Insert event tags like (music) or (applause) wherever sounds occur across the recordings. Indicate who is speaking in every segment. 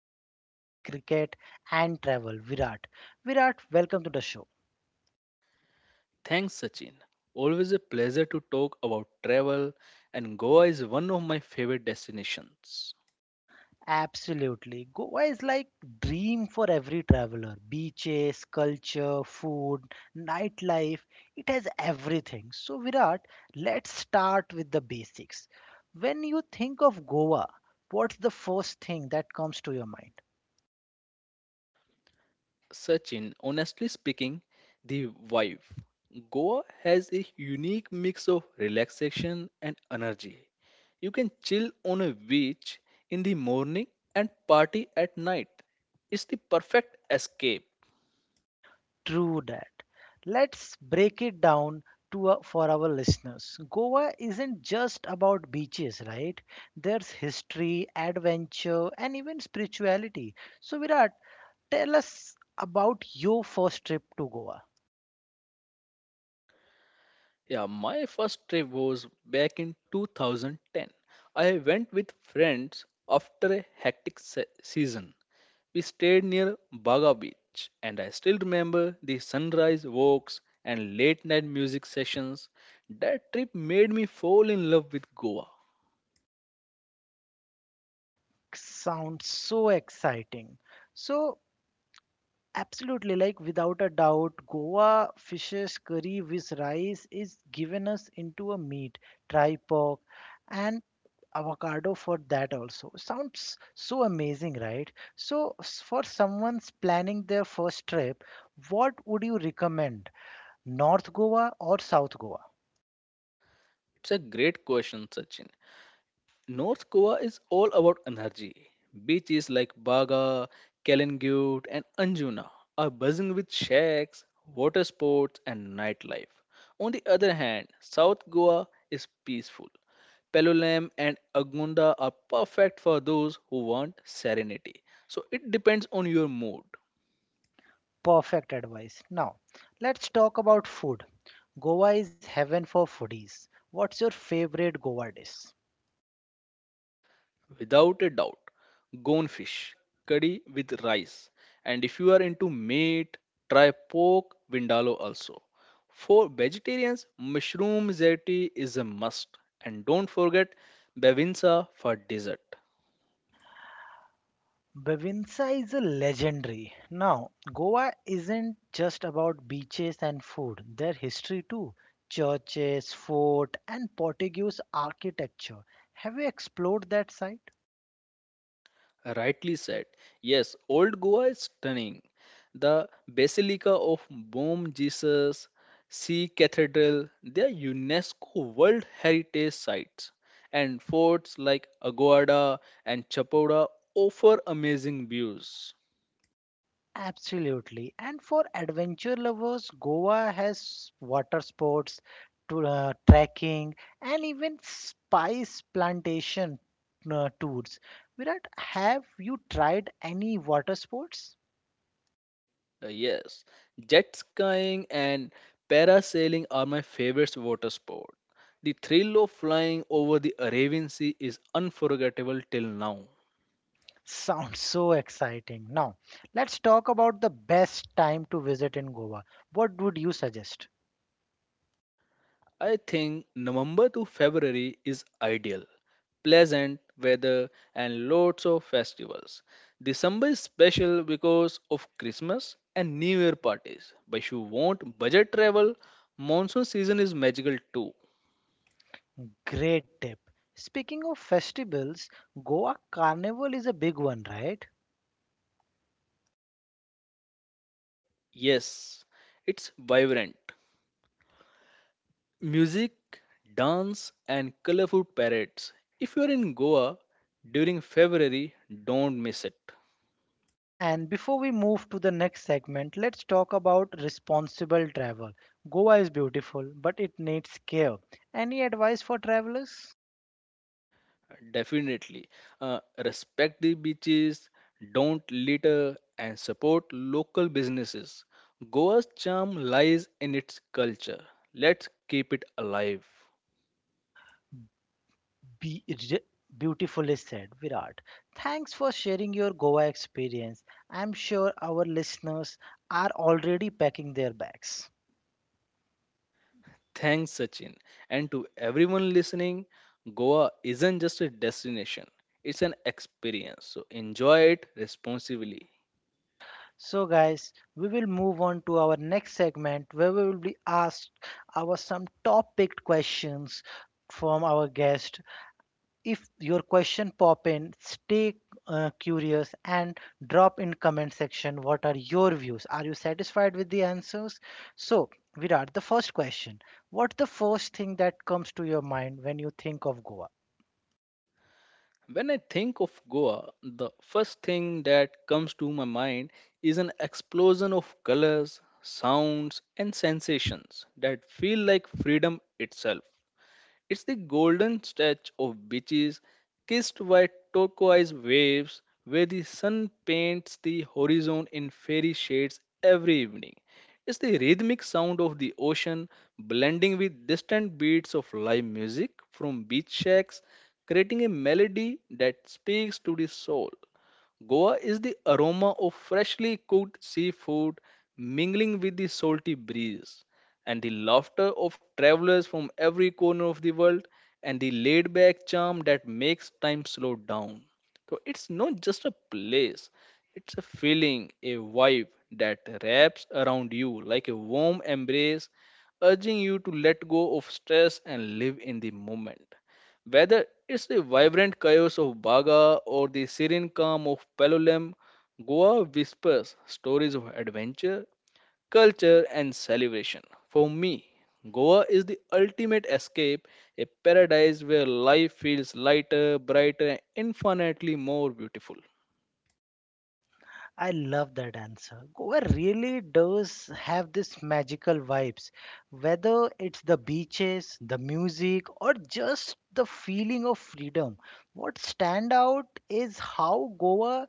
Speaker 1: life between cricket and travel, Virat. Virat, welcome to the show.
Speaker 2: Thanks, Sachin. Always a pleasure to talk about travel, and Goa is one of my favorite destinations.
Speaker 1: Absolutely. Goa is like dream for every traveler. Beaches, culture, food, nightlife, it has everything. So Virat, let's start with the basics. When you think of Goa, what's the first thing that comes to your mind?
Speaker 2: Sachin, honestly speaking, the vibe. Goa has a unique mix of relaxation and energy. You can chill on a beach in the morning and party at night. It's the perfect escape.
Speaker 1: True that. Let's break it down to for our listeners. Goa isn't just about beaches, right? There's history, adventure, and even spirituality. So Virat, tell us about your first trip to Goa.
Speaker 2: Yeah, my first trip was back in 2010. I went with friends after a hectic season. We stayed near Baga Beach, and I still remember the sunrise walks and late night music sessions. That trip made me fall in love with Goa.
Speaker 1: Sounds so exciting. So, absolutely, like without a doubt, Goa fish's curry with rice is given us into a meat, tri pork, and avocado for that also. Sounds so amazing, right? So, for someone's planning their first trip, what would you recommend? North Goa or South Goa?
Speaker 2: It's a great question, Sachin. North Goa is all about energy. Beaches like Baga, Kalingut, and Anjuna are buzzing with shacks, water sports, and nightlife. On the other hand, South Goa is peaceful. Palolem and Agmunda are perfect for those who want serenity. So it depends on your mood.
Speaker 1: Perfect advice. Now, let's talk about food. Goa is heaven for foodies. What's your favorite Goa dish?
Speaker 2: Without a doubt, goldfish curry with rice, and if you are into meat, try pork vindaloo also. For vegetarians, mushroom zeti is a must, and don't forget bevinsa for dessert.
Speaker 1: Bevinsa is a legendary. Now, Goa isn't just about beaches and food, their history too. Churches, fort, and Portuguese architecture. Have you explored that side?
Speaker 2: Rightly said. Yes, old Goa is stunning. The Basilica of Bom Jesus, Sea Cathedral, they are UNESCO World Heritage Sites. And forts like Agoada and Chapada offer amazing views.
Speaker 1: Absolutely. And for adventure lovers, Goa has water sports, trekking, and even spice plantation tours. Virat, have you tried any water sports?
Speaker 2: Yes, jet skiing and parasailing are my favorite water sport. The thrill of flying over the Arabian Sea is unforgettable till now.
Speaker 1: (laughs) Sounds so exciting. Now, let's talk about the best time to visit in Goa. What would you suggest?
Speaker 2: I think November to February is ideal. Pleasant weather and lots of festivals. December is special because of Christmas and New Year parties. But if you want budget travel, monsoon season is magical too.
Speaker 1: Great tip. Speaking of festivals, Goa Carnival is a big one, right?
Speaker 2: Yes, it's vibrant. Music, dance, and colorful parades. If you're in Goa during February, don't miss it.
Speaker 1: And before we move to the next segment, let's talk about responsible travel. Goa is beautiful, but it needs care. Any advice for travelers?
Speaker 2: Definitely. Respect the beaches, don't litter, and support local businesses. Goa's charm lies in its culture. Let's keep it alive.
Speaker 1: Be re- Beautifully said, Virat. Thanks for sharing your Goa experience. I'm sure our listeners are already packing their bags.
Speaker 2: Thanks, Sachin. And to everyone listening, Goa isn't just a destination, it's an experience. So enjoy it responsibly.
Speaker 1: So, guys, we will move on to our next segment where we will be asked our some top picked questions from our guest. If your question pop in, stay curious and drop in comment section what are your views, are you satisfied with the answers? So, Virat, the first question, what's the first thing that comes to your mind when you think of Goa?
Speaker 2: When I think of Goa, the first thing that comes to my mind is an explosion of colors, sounds, and sensations that feel like freedom itself. It's the golden stretch of beaches kissed by turquoise waves where the sun paints the horizon in fairy shades every evening. It's the rhythmic sound of the ocean blending with distant beats of live music from beach shacks, creating a melody that speaks to the soul. Goa is the aroma of freshly cooked seafood mingling with the salty breeze and the laughter of travelers from every corner of the world and the laid back charm that makes time slow down. So it's not just a place, it's a feeling, a vibe that wraps around you like a warm embrace, urging you to let go of stress and live in the moment. Whether it's the vibrant chaos of Baga or the serene calm of Palolem, Goa whispers stories of adventure, culture, and celebration. For me, Goa is the ultimate escape, a paradise where life feels lighter, brighter, and infinitely more beautiful.
Speaker 1: I love that answer. Goa really does have this magical vibes, whether it's the beaches, the music, or just the feeling of freedom. What stand out is how Goa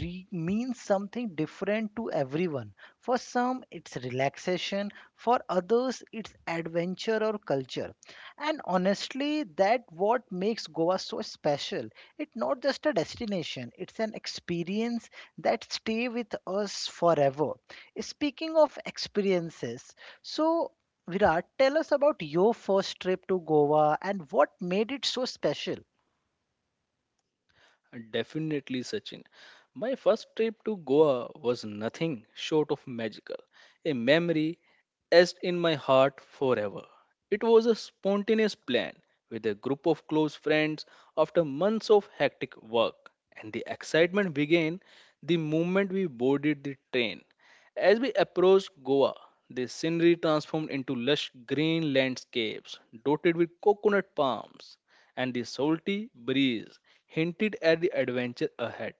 Speaker 1: means something different to everyone. For some, it's relaxation. For others, it's adventure or culture. And honestly, that what makes Goa so special. It's not just a destination; it's an experience that stay with us forever. Speaking of experiences, so Virat, tell us about your first trip to Goa and what made it so special.
Speaker 2: Definitely, Sachin. My first trip to Goa was nothing short of magical. A memory etched in my heart forever. It was a spontaneous plan with a group of close friends after months of hectic work, and the excitement began the moment we boarded the train. As we approached Goa, the scenery transformed into lush green landscapes dotted with coconut palms, and the salty breeze hinted at the adventure ahead.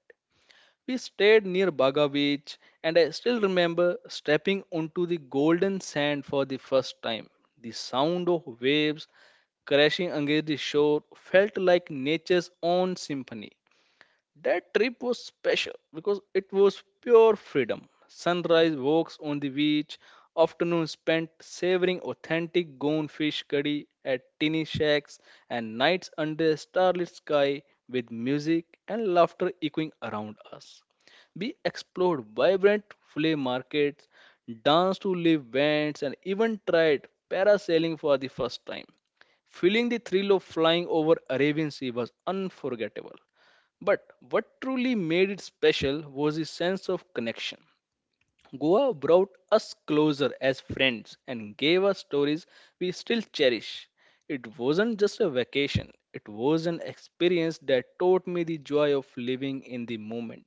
Speaker 2: We stayed near Baga Beach, and I still remember stepping onto the golden sand for the first time. The sound of waves crashing against the shore felt like nature's own symphony. That trip was special because it was pure freedom. Sunrise walks on the beach, afternoon spent savoring authentic Goan fish curry at tiny shacks, and nights under a starlit sky with music and laughter echoing around us. We explored vibrant flea markets, danced to live bands, and even tried parasailing for the first time. Feeling the thrill of flying over Arabian Sea was unforgettable. But what truly made it special was the sense of connection. Goa brought us closer as friends and gave us stories we still cherish. It wasn't just a vacation, it was an experience that taught me the joy of living in the moment.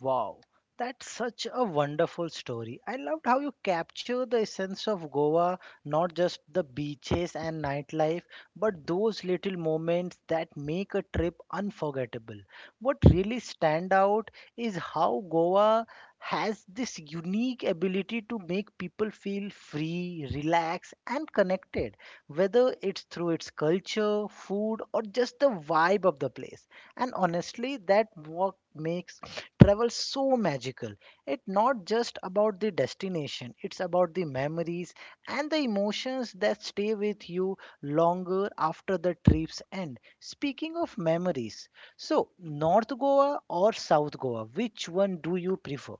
Speaker 1: Wow, that's such a wonderful story. I loved how you capture the essence of Goa, not just the beaches and nightlife, but those little moments that make a trip unforgettable. What really stand out is how Goa has this unique ability to make people feel free, relaxed, and connected, whether it's through its culture, food, or just the vibe of the place. And honestly, that what makes travel so magical. It's not just about the destination, it's about the memories and the emotions that stay with you longer after the trip's end. Speaking of memories, so North Goa or South Goa, which one do you prefer?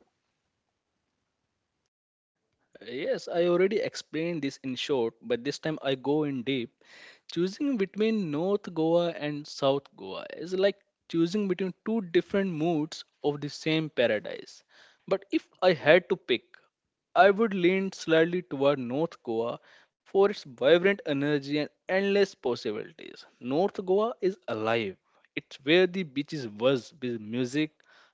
Speaker 2: Yes, I already explained this in short, but this time I go in deep. Choosing between North Goa and South Goa is like choosing between two different moods of the same paradise. But if I had to pick, I would lean slightly toward North Goa for its vibrant energy and endless possibilities. North Goa is alive. It's where the beaches buzz with music,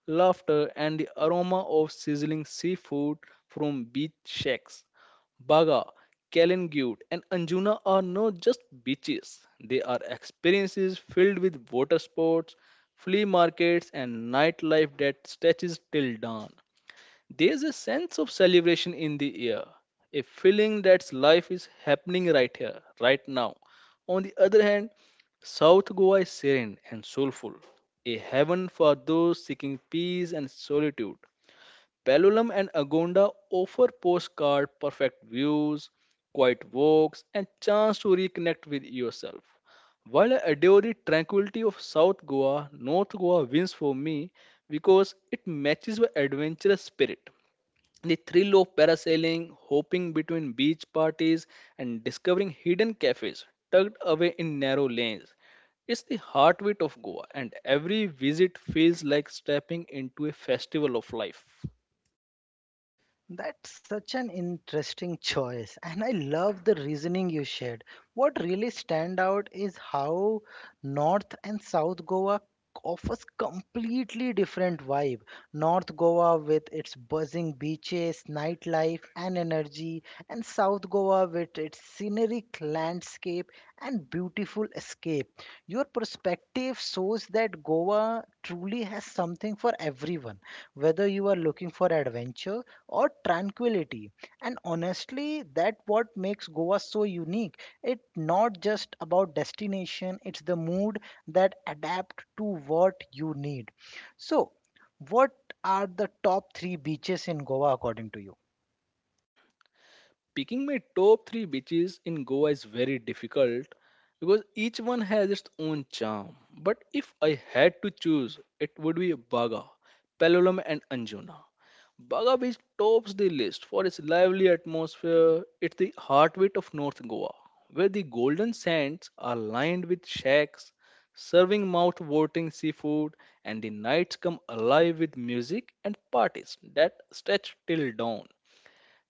Speaker 2: laughter, and the aroma of sizzling seafood from beach shacks. Baga, Kalingut, and Anjuna are not just beaches, they are experiences filled with water sports, flea markets, and nightlife that stretches till dawn. There's a sense of celebration in the air, a feeling that life is happening right here, right now. On the other hand, South Goa is serene and soulful, a heaven for those seeking peace and solitude. Pellulam and Agonda offer postcard perfect views, quiet walks, and chance to reconnect with yourself. While I adore the tranquility of South Goa, North Goa wins for me because it matches my adventurous spirit. The thrill of parasailing, hopping between beach parties, and discovering hidden cafes tucked away in narrow lanes. It's the heartbeat of Goa, and every visit feels like stepping into a festival of life.
Speaker 1: That's such an interesting choice, and I love the reasoning you shared. What really stand out is how North and South Goa offers completely different vibe. North Goa with its buzzing beaches, nightlife and energy, and South Goa with its scenic landscape and beautiful escape. Your perspective shows that Goa truly has something for everyone, whether you are looking for adventure or tranquility. And honestly, that what makes Goa so unique. It's not just about destination, it's the mood that adapt to what you need. So, what are the top three beaches in Goa according to you?
Speaker 2: Picking my top three beaches in Goa is very difficult because each one has its own charm. But if I had to choose, it would be Baga, Palolem, and Anjuna. Baga Beach tops the list for its lively atmosphere. It's the heartbeat of North Goa, where the golden sands are lined with shacks, serving mouth-watering seafood, and the nights come alive with music and parties that stretch till dawn.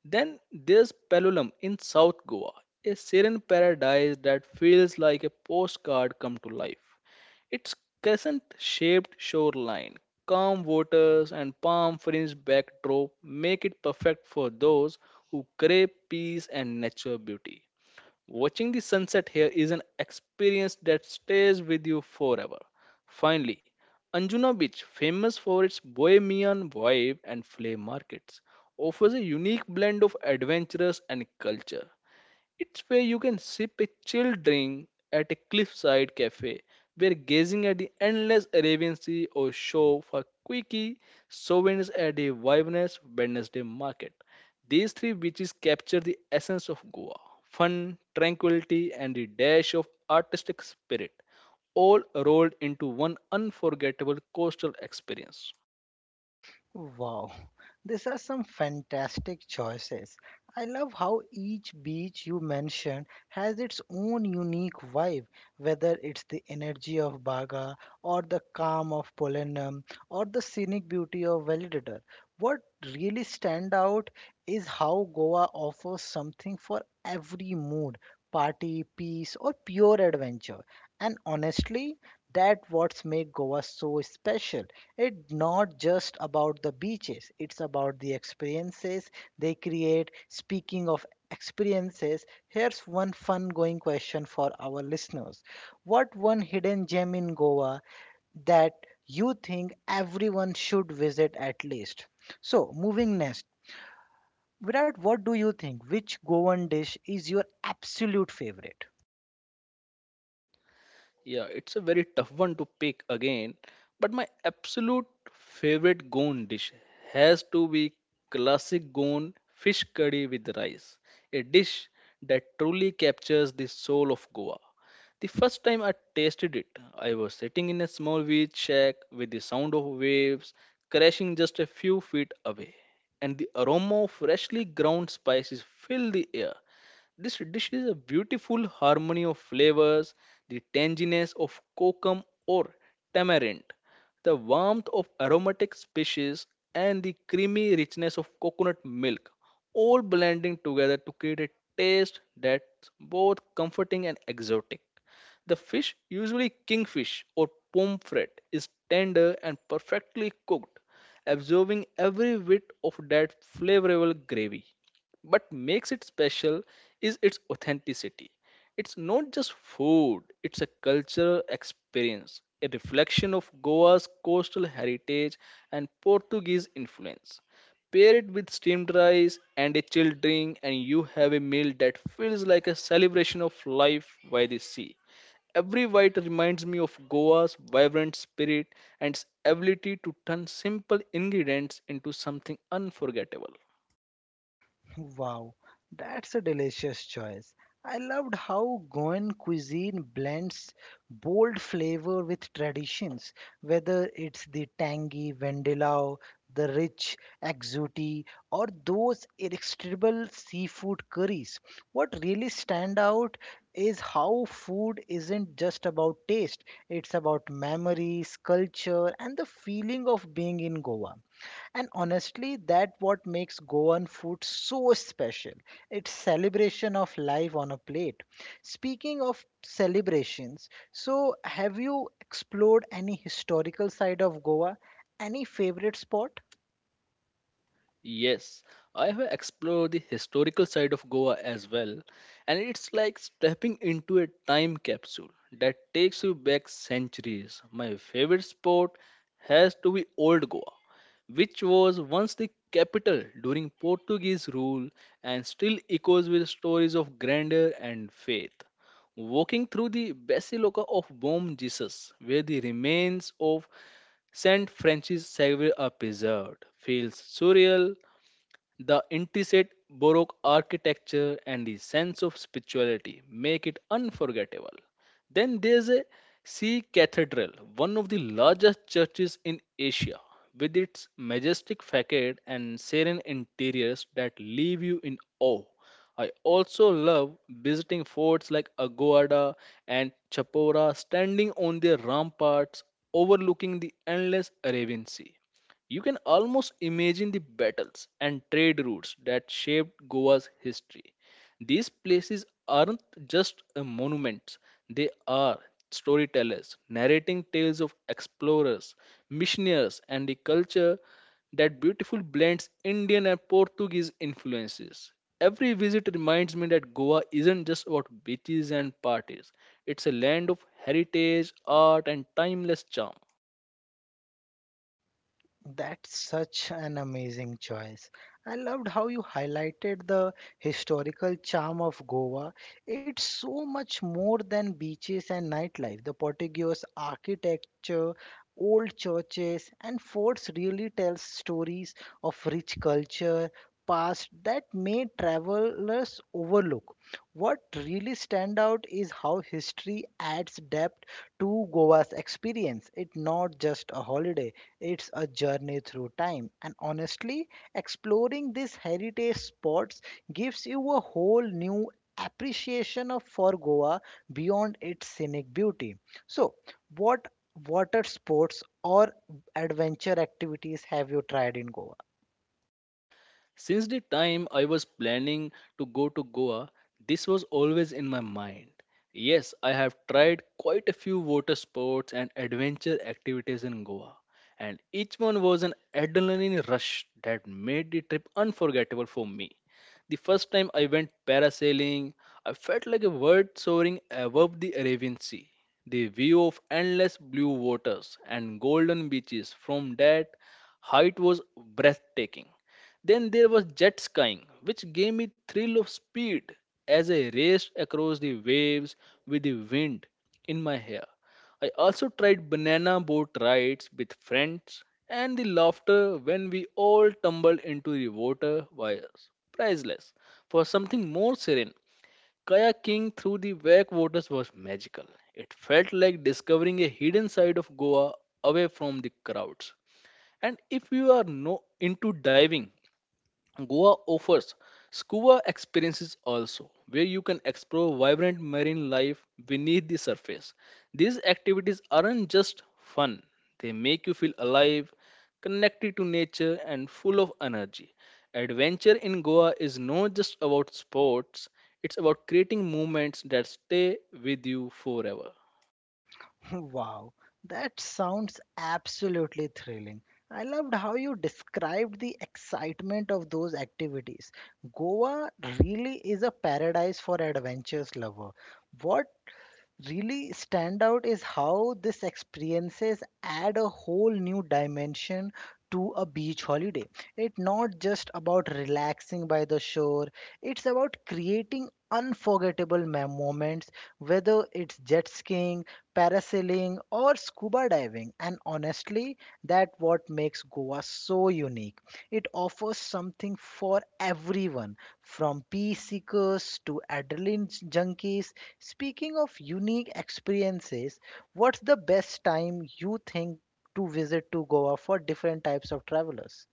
Speaker 2: Then there's Pellulam in South Goa, a serene paradise that feels like a postcard come to life. Its crescent shaped shoreline, calm waters, and palm fringed backdrop make it perfect for those who crave peace and natural beauty. Watching the sunset here is an experience that stays with you forever. Finally, Anjuna Beach, famous for its bohemian vibe and flea markets, offers a unique blend of adventurous and culture. It's where you can sip a chilled drink at a cliffside cafe, where gazing at the endless Arabian Sea or show for quickie souvenirs at a vibrant Wednesday market. These three beaches capture the essence of Goa fun, tranquility, and the dash of artistic spirit, all rolled into one unforgettable coastal experience.
Speaker 1: Wow, these are some fantastic choices. I love how each beach you mentioned has its own unique vibe, whether it's the energy of Baga, or the calm of Polenum, or the scenic beauty of Validator. What really stand out is how Goa offers something for every mood, party, peace, or pure adventure. And honestly, that what's make Goa so special. It's not just about the beaches, it's about the experiences they create. Speaking of experiences, here's one fun going question for our listeners. What one hidden gem in Goa that you think everyone should visit at least? So, moving next. Virat, what do you think? Which Goan dish is your absolute favorite?
Speaker 2: Yeah, it's a very tough one to pick again, but my absolute favorite Goan dish has to be classic Goan fish curry with rice, a dish that truly captures the soul of Goa. The first time I tasted it, I was sitting in a small beach shack with the sound of waves crashing just a few feet away, and the aroma of freshly ground spices filled the air. This dish is a beautiful harmony of flavors, the tanginess of kokum or tamarind, the warmth of aromatic species, and the creamy richness of coconut milk, all blending together to create a taste that's both comforting and exotic. The fish, usually kingfish or pomfret, is tender and perfectly cooked, absorbing every bit of that flavorful gravy. What makes it special is its authenticity. It's not just food, it's a cultural experience, a reflection of Goa's coastal heritage and Portuguese influence. Pair it with steamed rice and a chilled drink, and you have a meal that feels like a celebration of life by the sea. Every bite reminds me of Goa's vibrant spirit and its ability to turn simple ingredients into something unforgettable.
Speaker 1: Wow, that's a delicious choice. I loved how Goan cuisine blends bold flavor with traditions, whether it's the tangy vendelao, the rich agouti, or those irresistible seafood curries. What really stand out is how food isn't just about taste, it's about memories, culture, and the feeling of being in Goa. And honestly, that what makes Goan food so special. It's celebration of life on a plate. Speaking of celebrations, so have you explored any historical side of Goa? Any favorite spot?
Speaker 2: Yes, I have explored the historical side of Goa as well, and it's like stepping into a time capsule that takes you back centuries. My favorite spot has to be Old Goa, which was once the capital during Portuguese rule and still echoes with stories of grandeur and faith. Walking through the Basilica of Bom Jesus, where the remains of Saint Francis Xavier are preserved, feels surreal. The intricate Baroque architecture and the sense of spirituality make it unforgettable. Then there's a Sea Cathedral, one of the largest churches in Asia, with its majestic facade and serene interiors that leave you in awe. I also love visiting forts like Agoada and Chapora, standing on their ramparts overlooking the endless Arabian Sea. You can almost imagine the battles and trade routes that shaped Goa's history. These places aren't just monuments, they are storytellers, narrating tales of explorers, missionaries, and the culture that beautifully blends Indian and Portuguese influences. Every visit reminds me that Goa isn't just about beaches and parties. It's a land of heritage, art, and timeless charm.
Speaker 1: That's such an amazing choice. I loved how you highlighted the historical charm of Goa. It's so much more than beaches and nightlife. The Portuguese architecture, old churches, and forts really tell stories of rich culture, past that may travelers overlook. What really stand out is how history adds depth to Goa's experience. It's not just a holiday, it's a journey through time, and honestly, exploring these heritage spots gives you a whole new appreciation of for Goa beyond its scenic beauty. So, what water sports or adventure activities have you tried in Goa?
Speaker 2: Since the time I was planning to go to Goa, this was always in my mind. Yes, I have tried quite a few water sports and adventure activities in Goa, and each one was an adrenaline rush that made the trip unforgettable for me. The first time I went parasailing, I felt like a bird soaring above the Arabian Sea. The view of endless blue waters and golden beaches from that height was breathtaking. Then there was jet skiing, which gave me thrill of speed as I raced across the waves with the wind in my hair. I also tried banana boat rides with friends and the laughter when we all tumbled into the water was priceless. For something more serene, kayaking through the backwaters was magical. It felt like discovering a hidden side of Goa away from the crowds. And if you are no into diving, Goa offers scuba experiences also, where you can explore vibrant marine life beneath the surface. These activities aren't just fun, they make you feel alive, connected to nature, and full of energy. Adventure in Goa is not just about sports, it's about creating moments that stay with you forever.
Speaker 1: (laughs) Wow, that sounds absolutely thrilling. I loved how you described the excitement of those activities. Goa really is a paradise for adventures lover. What really stand out is how these experiences add a whole new dimension to a beach holiday. It's not just about relaxing by the shore, it's about creating unforgettable moments, whether it's jet skiing, parasailing or scuba diving. And honestly, that's what makes Goa so unique. It offers something for everyone, from peace seekers to adrenaline junkies. Speaking of unique experiences, what's the best time you think to visit to Goa for different types of travelers?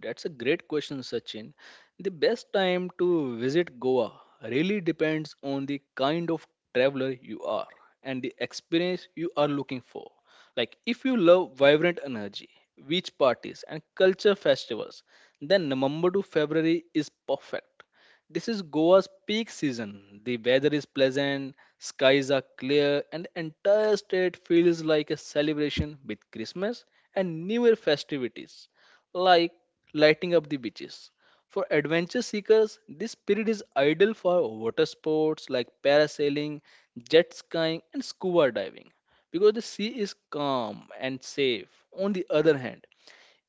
Speaker 2: That's a great question, Sachin. The best time to visit Goa really depends on the kind of traveler you are and the experience you are looking for. Like, if you love vibrant energy, beach parties, and culture festivals, then November to February is perfect. This is Goa's peak season. The weather is pleasant, skies are clear, and the entire state feels like a celebration with Christmas and New Year festivities, like lighting up the beaches. For adventure seekers, this period is ideal for water sports like parasailing, jet skiing, and scuba diving because the sea is calm and safe. On the other hand,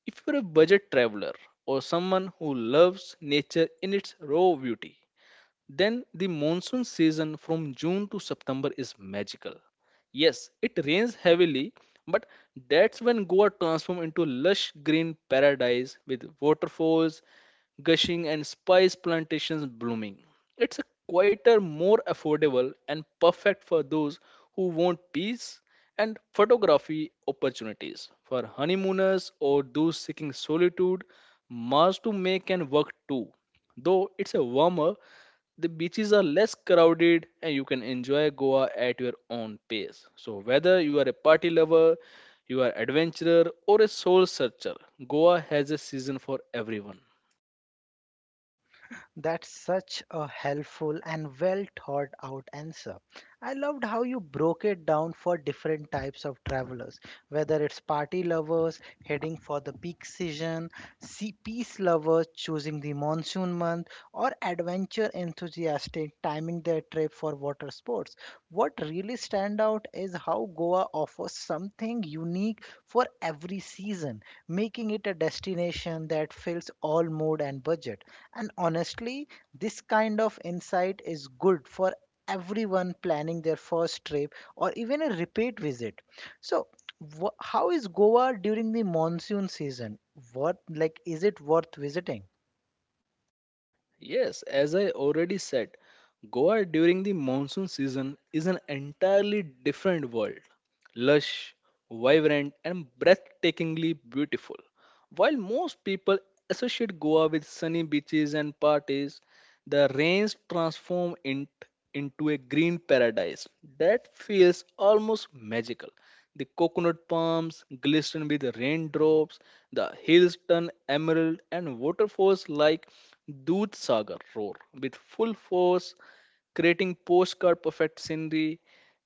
Speaker 2: if you're a budget traveler or someone who loves nature in its raw beauty, then the monsoon season from June to September is magical. Yes, it rains heavily, but that's when Goa transforms into lush green paradise with waterfalls gushing and spice plantations blooming. It's a quieter, more affordable, and perfect for those who want peace and photography opportunities. For honeymooners or those seeking solitude, Mars to May can work too. Though it's a warmer the beaches are less crowded and you can enjoy Goa at your own pace. So, whether you are a party lover, you are adventurer or a soul searcher, Goa has a season for everyone.
Speaker 1: That's such a helpful and well thought out answer. I loved how you broke it down for different types of travelers, whether it's party lovers heading for the peak season, sea peace lovers choosing the monsoon month, or adventure enthusiastic timing their trip for water sports. What really stand out is how Goa offers something unique for every season, making it a destination that fills all mode and budget. And honestly, this kind of insight is good for everyone planning their first trip or even a repeat visit. So, how is Goa during the monsoon season? What like is it worth visiting?
Speaker 2: Yes, as I already said, Goa during the monsoon season is an entirely different world. Lush, vibrant and breathtakingly beautiful. While most people associate Goa with sunny beaches and parties, the rains transform it into a green paradise that feels almost magical. The coconut palms glisten with raindrops, the hills turn emerald, and waterfalls like Dudh Sagar roar with full force, creating postcard perfect scenery.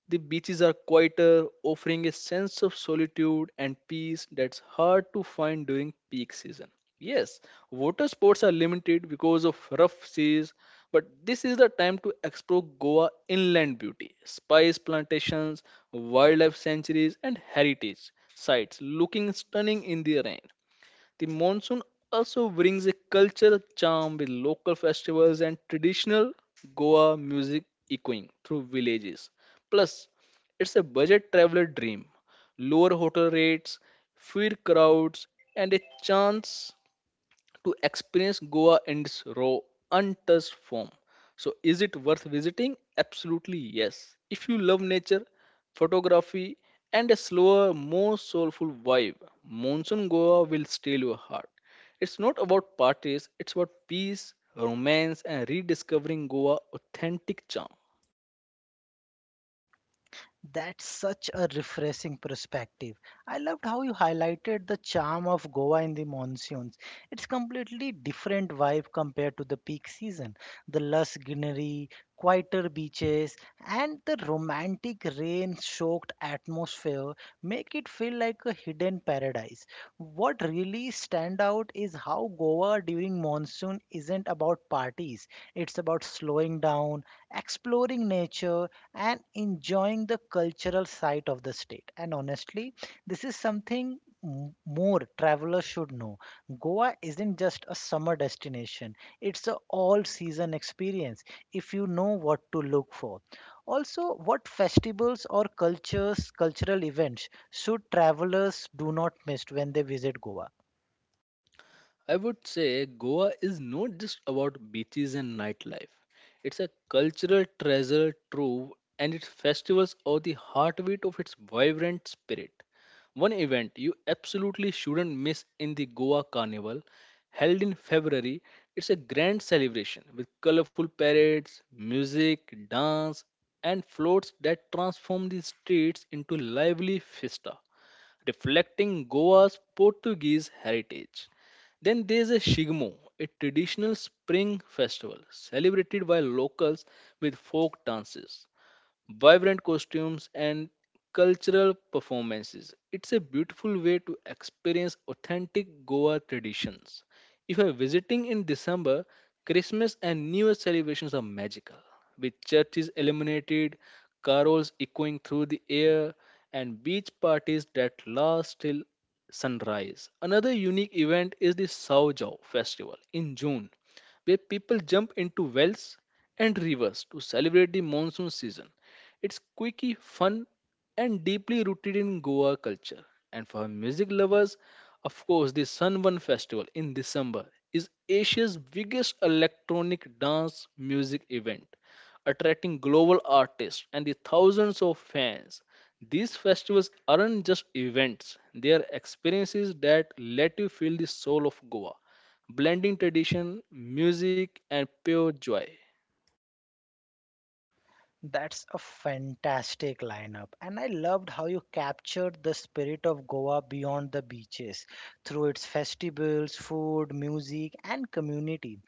Speaker 2: The beaches are quieter, offering a sense of solitude and peace that's hard to find during peak season. Yes, water sports are limited because of rough seas, but this is the time to explore Goa inland beauty, spice plantations, wildlife sanctuaries, and heritage sites looking stunning in the rain. The monsoon also brings a cultural charm with local festivals and traditional Goa music echoing through villages. Plus, it's a budget traveler dream. Lower hotel rates, fewer crowds, and a chance to experience Goa in its raw, untouched form. So, is it worth visiting? Absolutely yes. If you love nature, photography, and a slower, more soulful vibe, Monsoon Goa will steal your heart. It's not about parties, it's about peace, romance, and rediscovering Goa authentic charm.
Speaker 1: That's such a refreshing perspective. I loved how you highlighted the charm of Goa in the monsoons. It's completely different vibe compared to the peak season. The lush greenery, quieter beaches, and the romantic rain-soaked atmosphere make it feel like a hidden paradise. What really stand out is how Goa during monsoon isn't about parties. It's about slowing down, exploring nature, and enjoying the cultural side of the state. And honestly, this is something more travelers should know. Goa isn't just a summer destination, it's an all season experience if you know what to look for. Also, what festivals or cultures, cultural events should travelers do not miss when they visit Goa?
Speaker 2: I would say Goa is not just about beaches and nightlife. It's a cultural treasure trove and its festivals are the heartbeat of its vibrant spirit. One event you absolutely shouldn't miss in the Goa Carnival, held in February, it's a grand celebration with colorful parades, music, dance, and floats that transform the streets into lively fiesta, reflecting Goa's Portuguese heritage. Then there's a Shigmo, a traditional spring festival celebrated by locals with folk dances, vibrant costumes, and cultural performances. It's a beautiful way to experience authentic Goa traditions. If you're visiting in December, Christmas and New Year celebrations are magical, with churches illuminated, carols echoing through the air, and beach parties that last till sunrise. Another unique event is the Saujau festival in June where people jump into wells and rivers to celebrate the monsoon season. It's quirky, fun, and deeply rooted in Goa culture. And for music lovers, of course, the Sunburn Festival in December is Asia's biggest electronic dance music event, attracting global artists and the thousands of fans. These festivals aren't just events, they are experiences that let you feel the soul of Goa blending tradition, music, and pure joy.
Speaker 1: That's a fantastic lineup, and I loved how you captured the spirit of Goa beyond the beaches through its festivals, food, music, and community.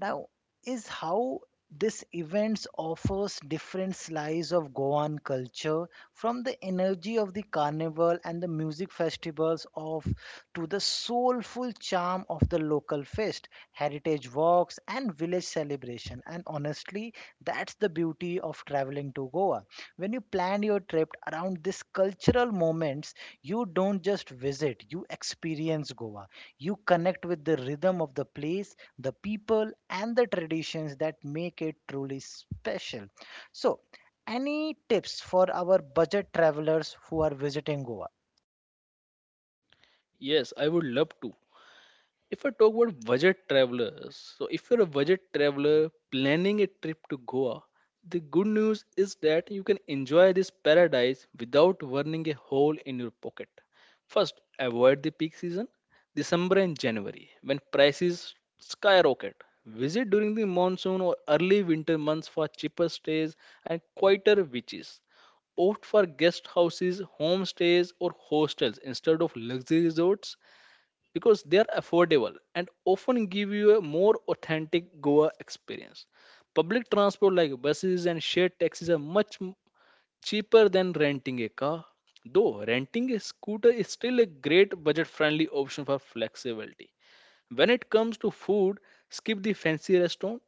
Speaker 1: Now, is how this events offers different slice of Goan culture, from the energy of the carnival and the music festivals of to the soulful charm of the local fest, heritage walks and village celebration. And honestly, that's the beauty of traveling to Goa. When you plan your trip around these cultural moments, you don't just visit, you experience Goa. You connect with the rhythm of the place, the people and the traditions that make it truly special. So, any tips for our budget travelers who are visiting Goa?
Speaker 2: Yes, I would love to. If I talk about budget travelers, so if you're a budget traveler planning a trip to Goa, the good news is that you can enjoy this paradise without burning a hole in your pocket. First, avoid the peak season, December and January, when prices skyrocket. Visit during the monsoon or early winter months for cheaper stays and quieter beaches opt for guest houses, homestays, or hostels instead of luxury resorts because they are affordable and often give you a more authentic Goa experience. Public transport like buses and shared taxis are cheaper than renting a car, though renting a scooter is still a great budget friendly option for flexibility. When it comes to food, skip the fancy restaurant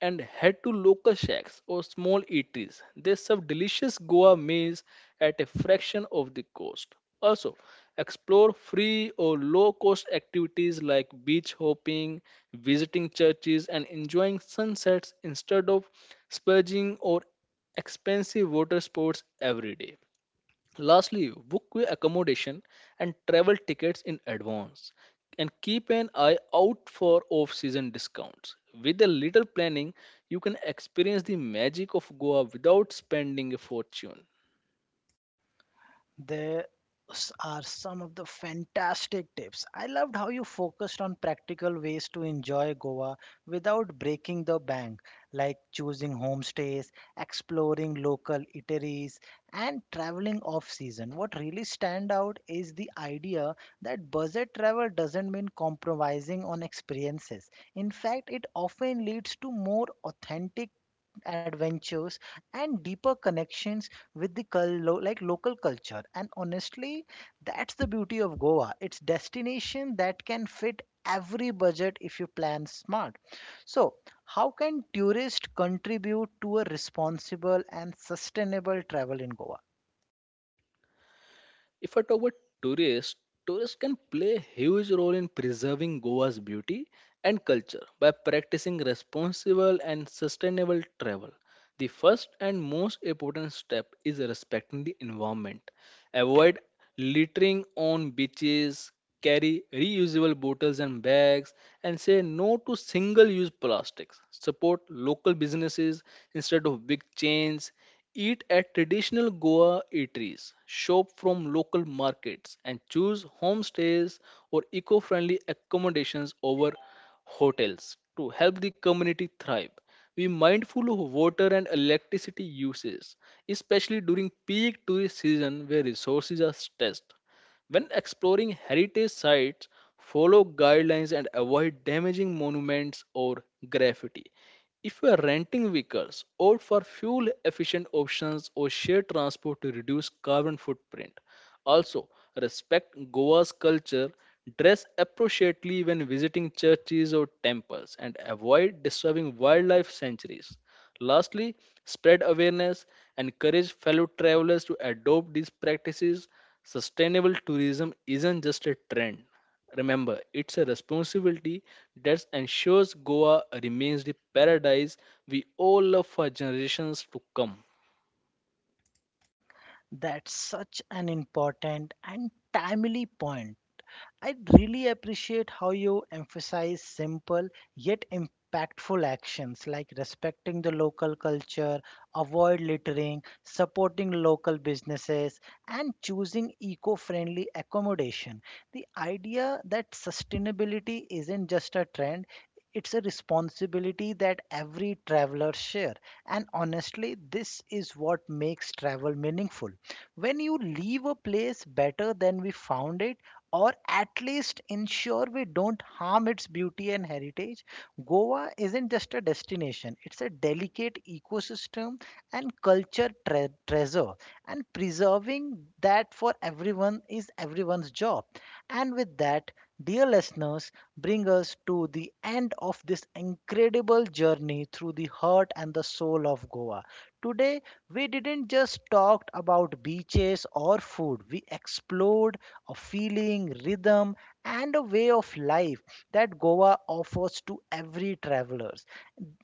Speaker 2: and head to local shacks or small eateries. They serve delicious Goa meals at a fraction of the cost. Also, explore free or low cost activities like beach hopping, visiting churches, and enjoying sunsets instead of splurging or expensive water sports every day. Lastly, book your accommodation and travel tickets in advance and keep an eye out for off season discounts. With a little planning, you can experience the magic of Goa without spending a fortune.
Speaker 1: There are some of the fantastic tips. I loved how you focused on practical ways to enjoy Goa without breaking the bank, like choosing homestays, exploring local eateries, and traveling off season. What really stand out is the idea that budget travel doesn't mean compromising on experiences. In fact, it often leads to more authentic adventures and deeper connections with the like local culture. And honestly, that's the beauty of Goa. It's destination that can fit every budget if you plan smart. So, how can tourists contribute to a responsible and sustainable travel in Goa?
Speaker 2: If I talk about tourists, tourists can play a huge role in preserving Goa's beauty and culture by practicing responsible and sustainable travel. The first and most important step is respecting the environment. Avoid littering on beaches, carry reusable bottles and bags, and say no to single use plastics. Support local businesses instead of big chains. Eat at traditional Goa eateries, shop from local markets, and choose homestays or eco friendly accommodations over hotels to help the community thrive. Be mindful of water and electricity uses, especially during peak tourist season where resources are stressed. When exploring heritage sites, follow guidelines and avoid damaging monuments or graffiti. If you are renting vehicles, opt for fuel efficient options or share transport to reduce carbon footprint. Also, respect Goa's culture, dress appropriately when visiting churches or temples, and avoid disturbing wildlife sanctuaries. Lastly, spread awareness and encourage fellow travelers to adopt these practices. Sustainable tourism isn't just a trend. Remember, it's a responsibility that ensures Goa remains the paradise we all love for generations to come.
Speaker 1: That's such an important and timely point. I really appreciate how you emphasize simple yet impactful actions like respecting the local culture, avoid littering, supporting local businesses, and choosing eco friendly accommodation. The idea that sustainability isn't just a trend, it's a responsibility that every traveler share. And honestly, this is what makes travel meaningful, when you leave a place better than we found it or at least ensure we don't harm its beauty and heritage. Goa isn't just a destination, it's a delicate ecosystem and culture treasure, and preserving that for everyone is everyone's job. And with that, dear listeners, bring us to the end of this incredible journey through the heart and the soul of Goa. Today, we didn't just talk about beaches or food, we explored a feeling, rhythm, and a way of life that Goa offers to every travelers.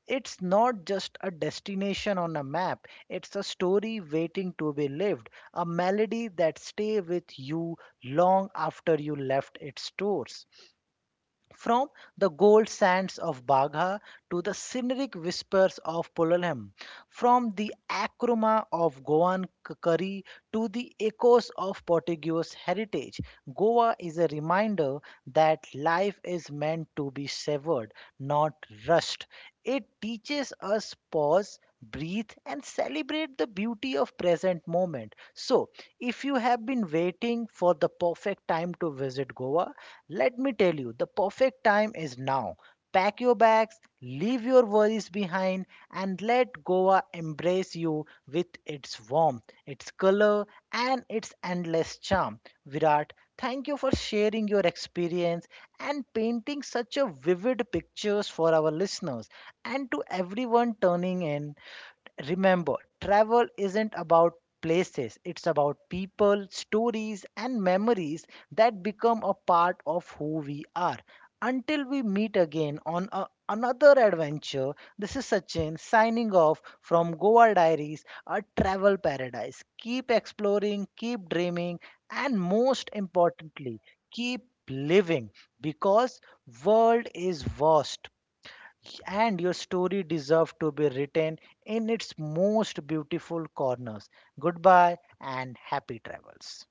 Speaker 1: It's not just a destination on a map, it's a story waiting to be lived, a melody that stay with you long after you left its doors. From the gold sands of Bagha to the scenic whispers of Pololem, from the acroma of Goan curry to the echoes of Portuguese heritage, Goa is a reminder that life is meant to be savored, not rushed. It teaches us pause, breathe, and celebrate the beauty of present moment. So, if you have been waiting for the perfect time to visit Goa, let me tell you, the perfect time is now. Pack your bags, leave your worries behind, and let Goa embrace you with its warmth, its color, and its endless charm. Virat, thank you for sharing your experience and painting such a vivid pictures for our listeners. And to everyone turning in, remember, travel isn't about places, it's about people, stories, and memories that become a part of who we are. Until we meet again another adventure, this is Sachin signing off from Goa Diaries, a travel paradise. Keep exploring, keep dreaming, and most importantly, keep living, because world is vast and your story deserves to be written in its most beautiful corners. Goodbye and happy travels.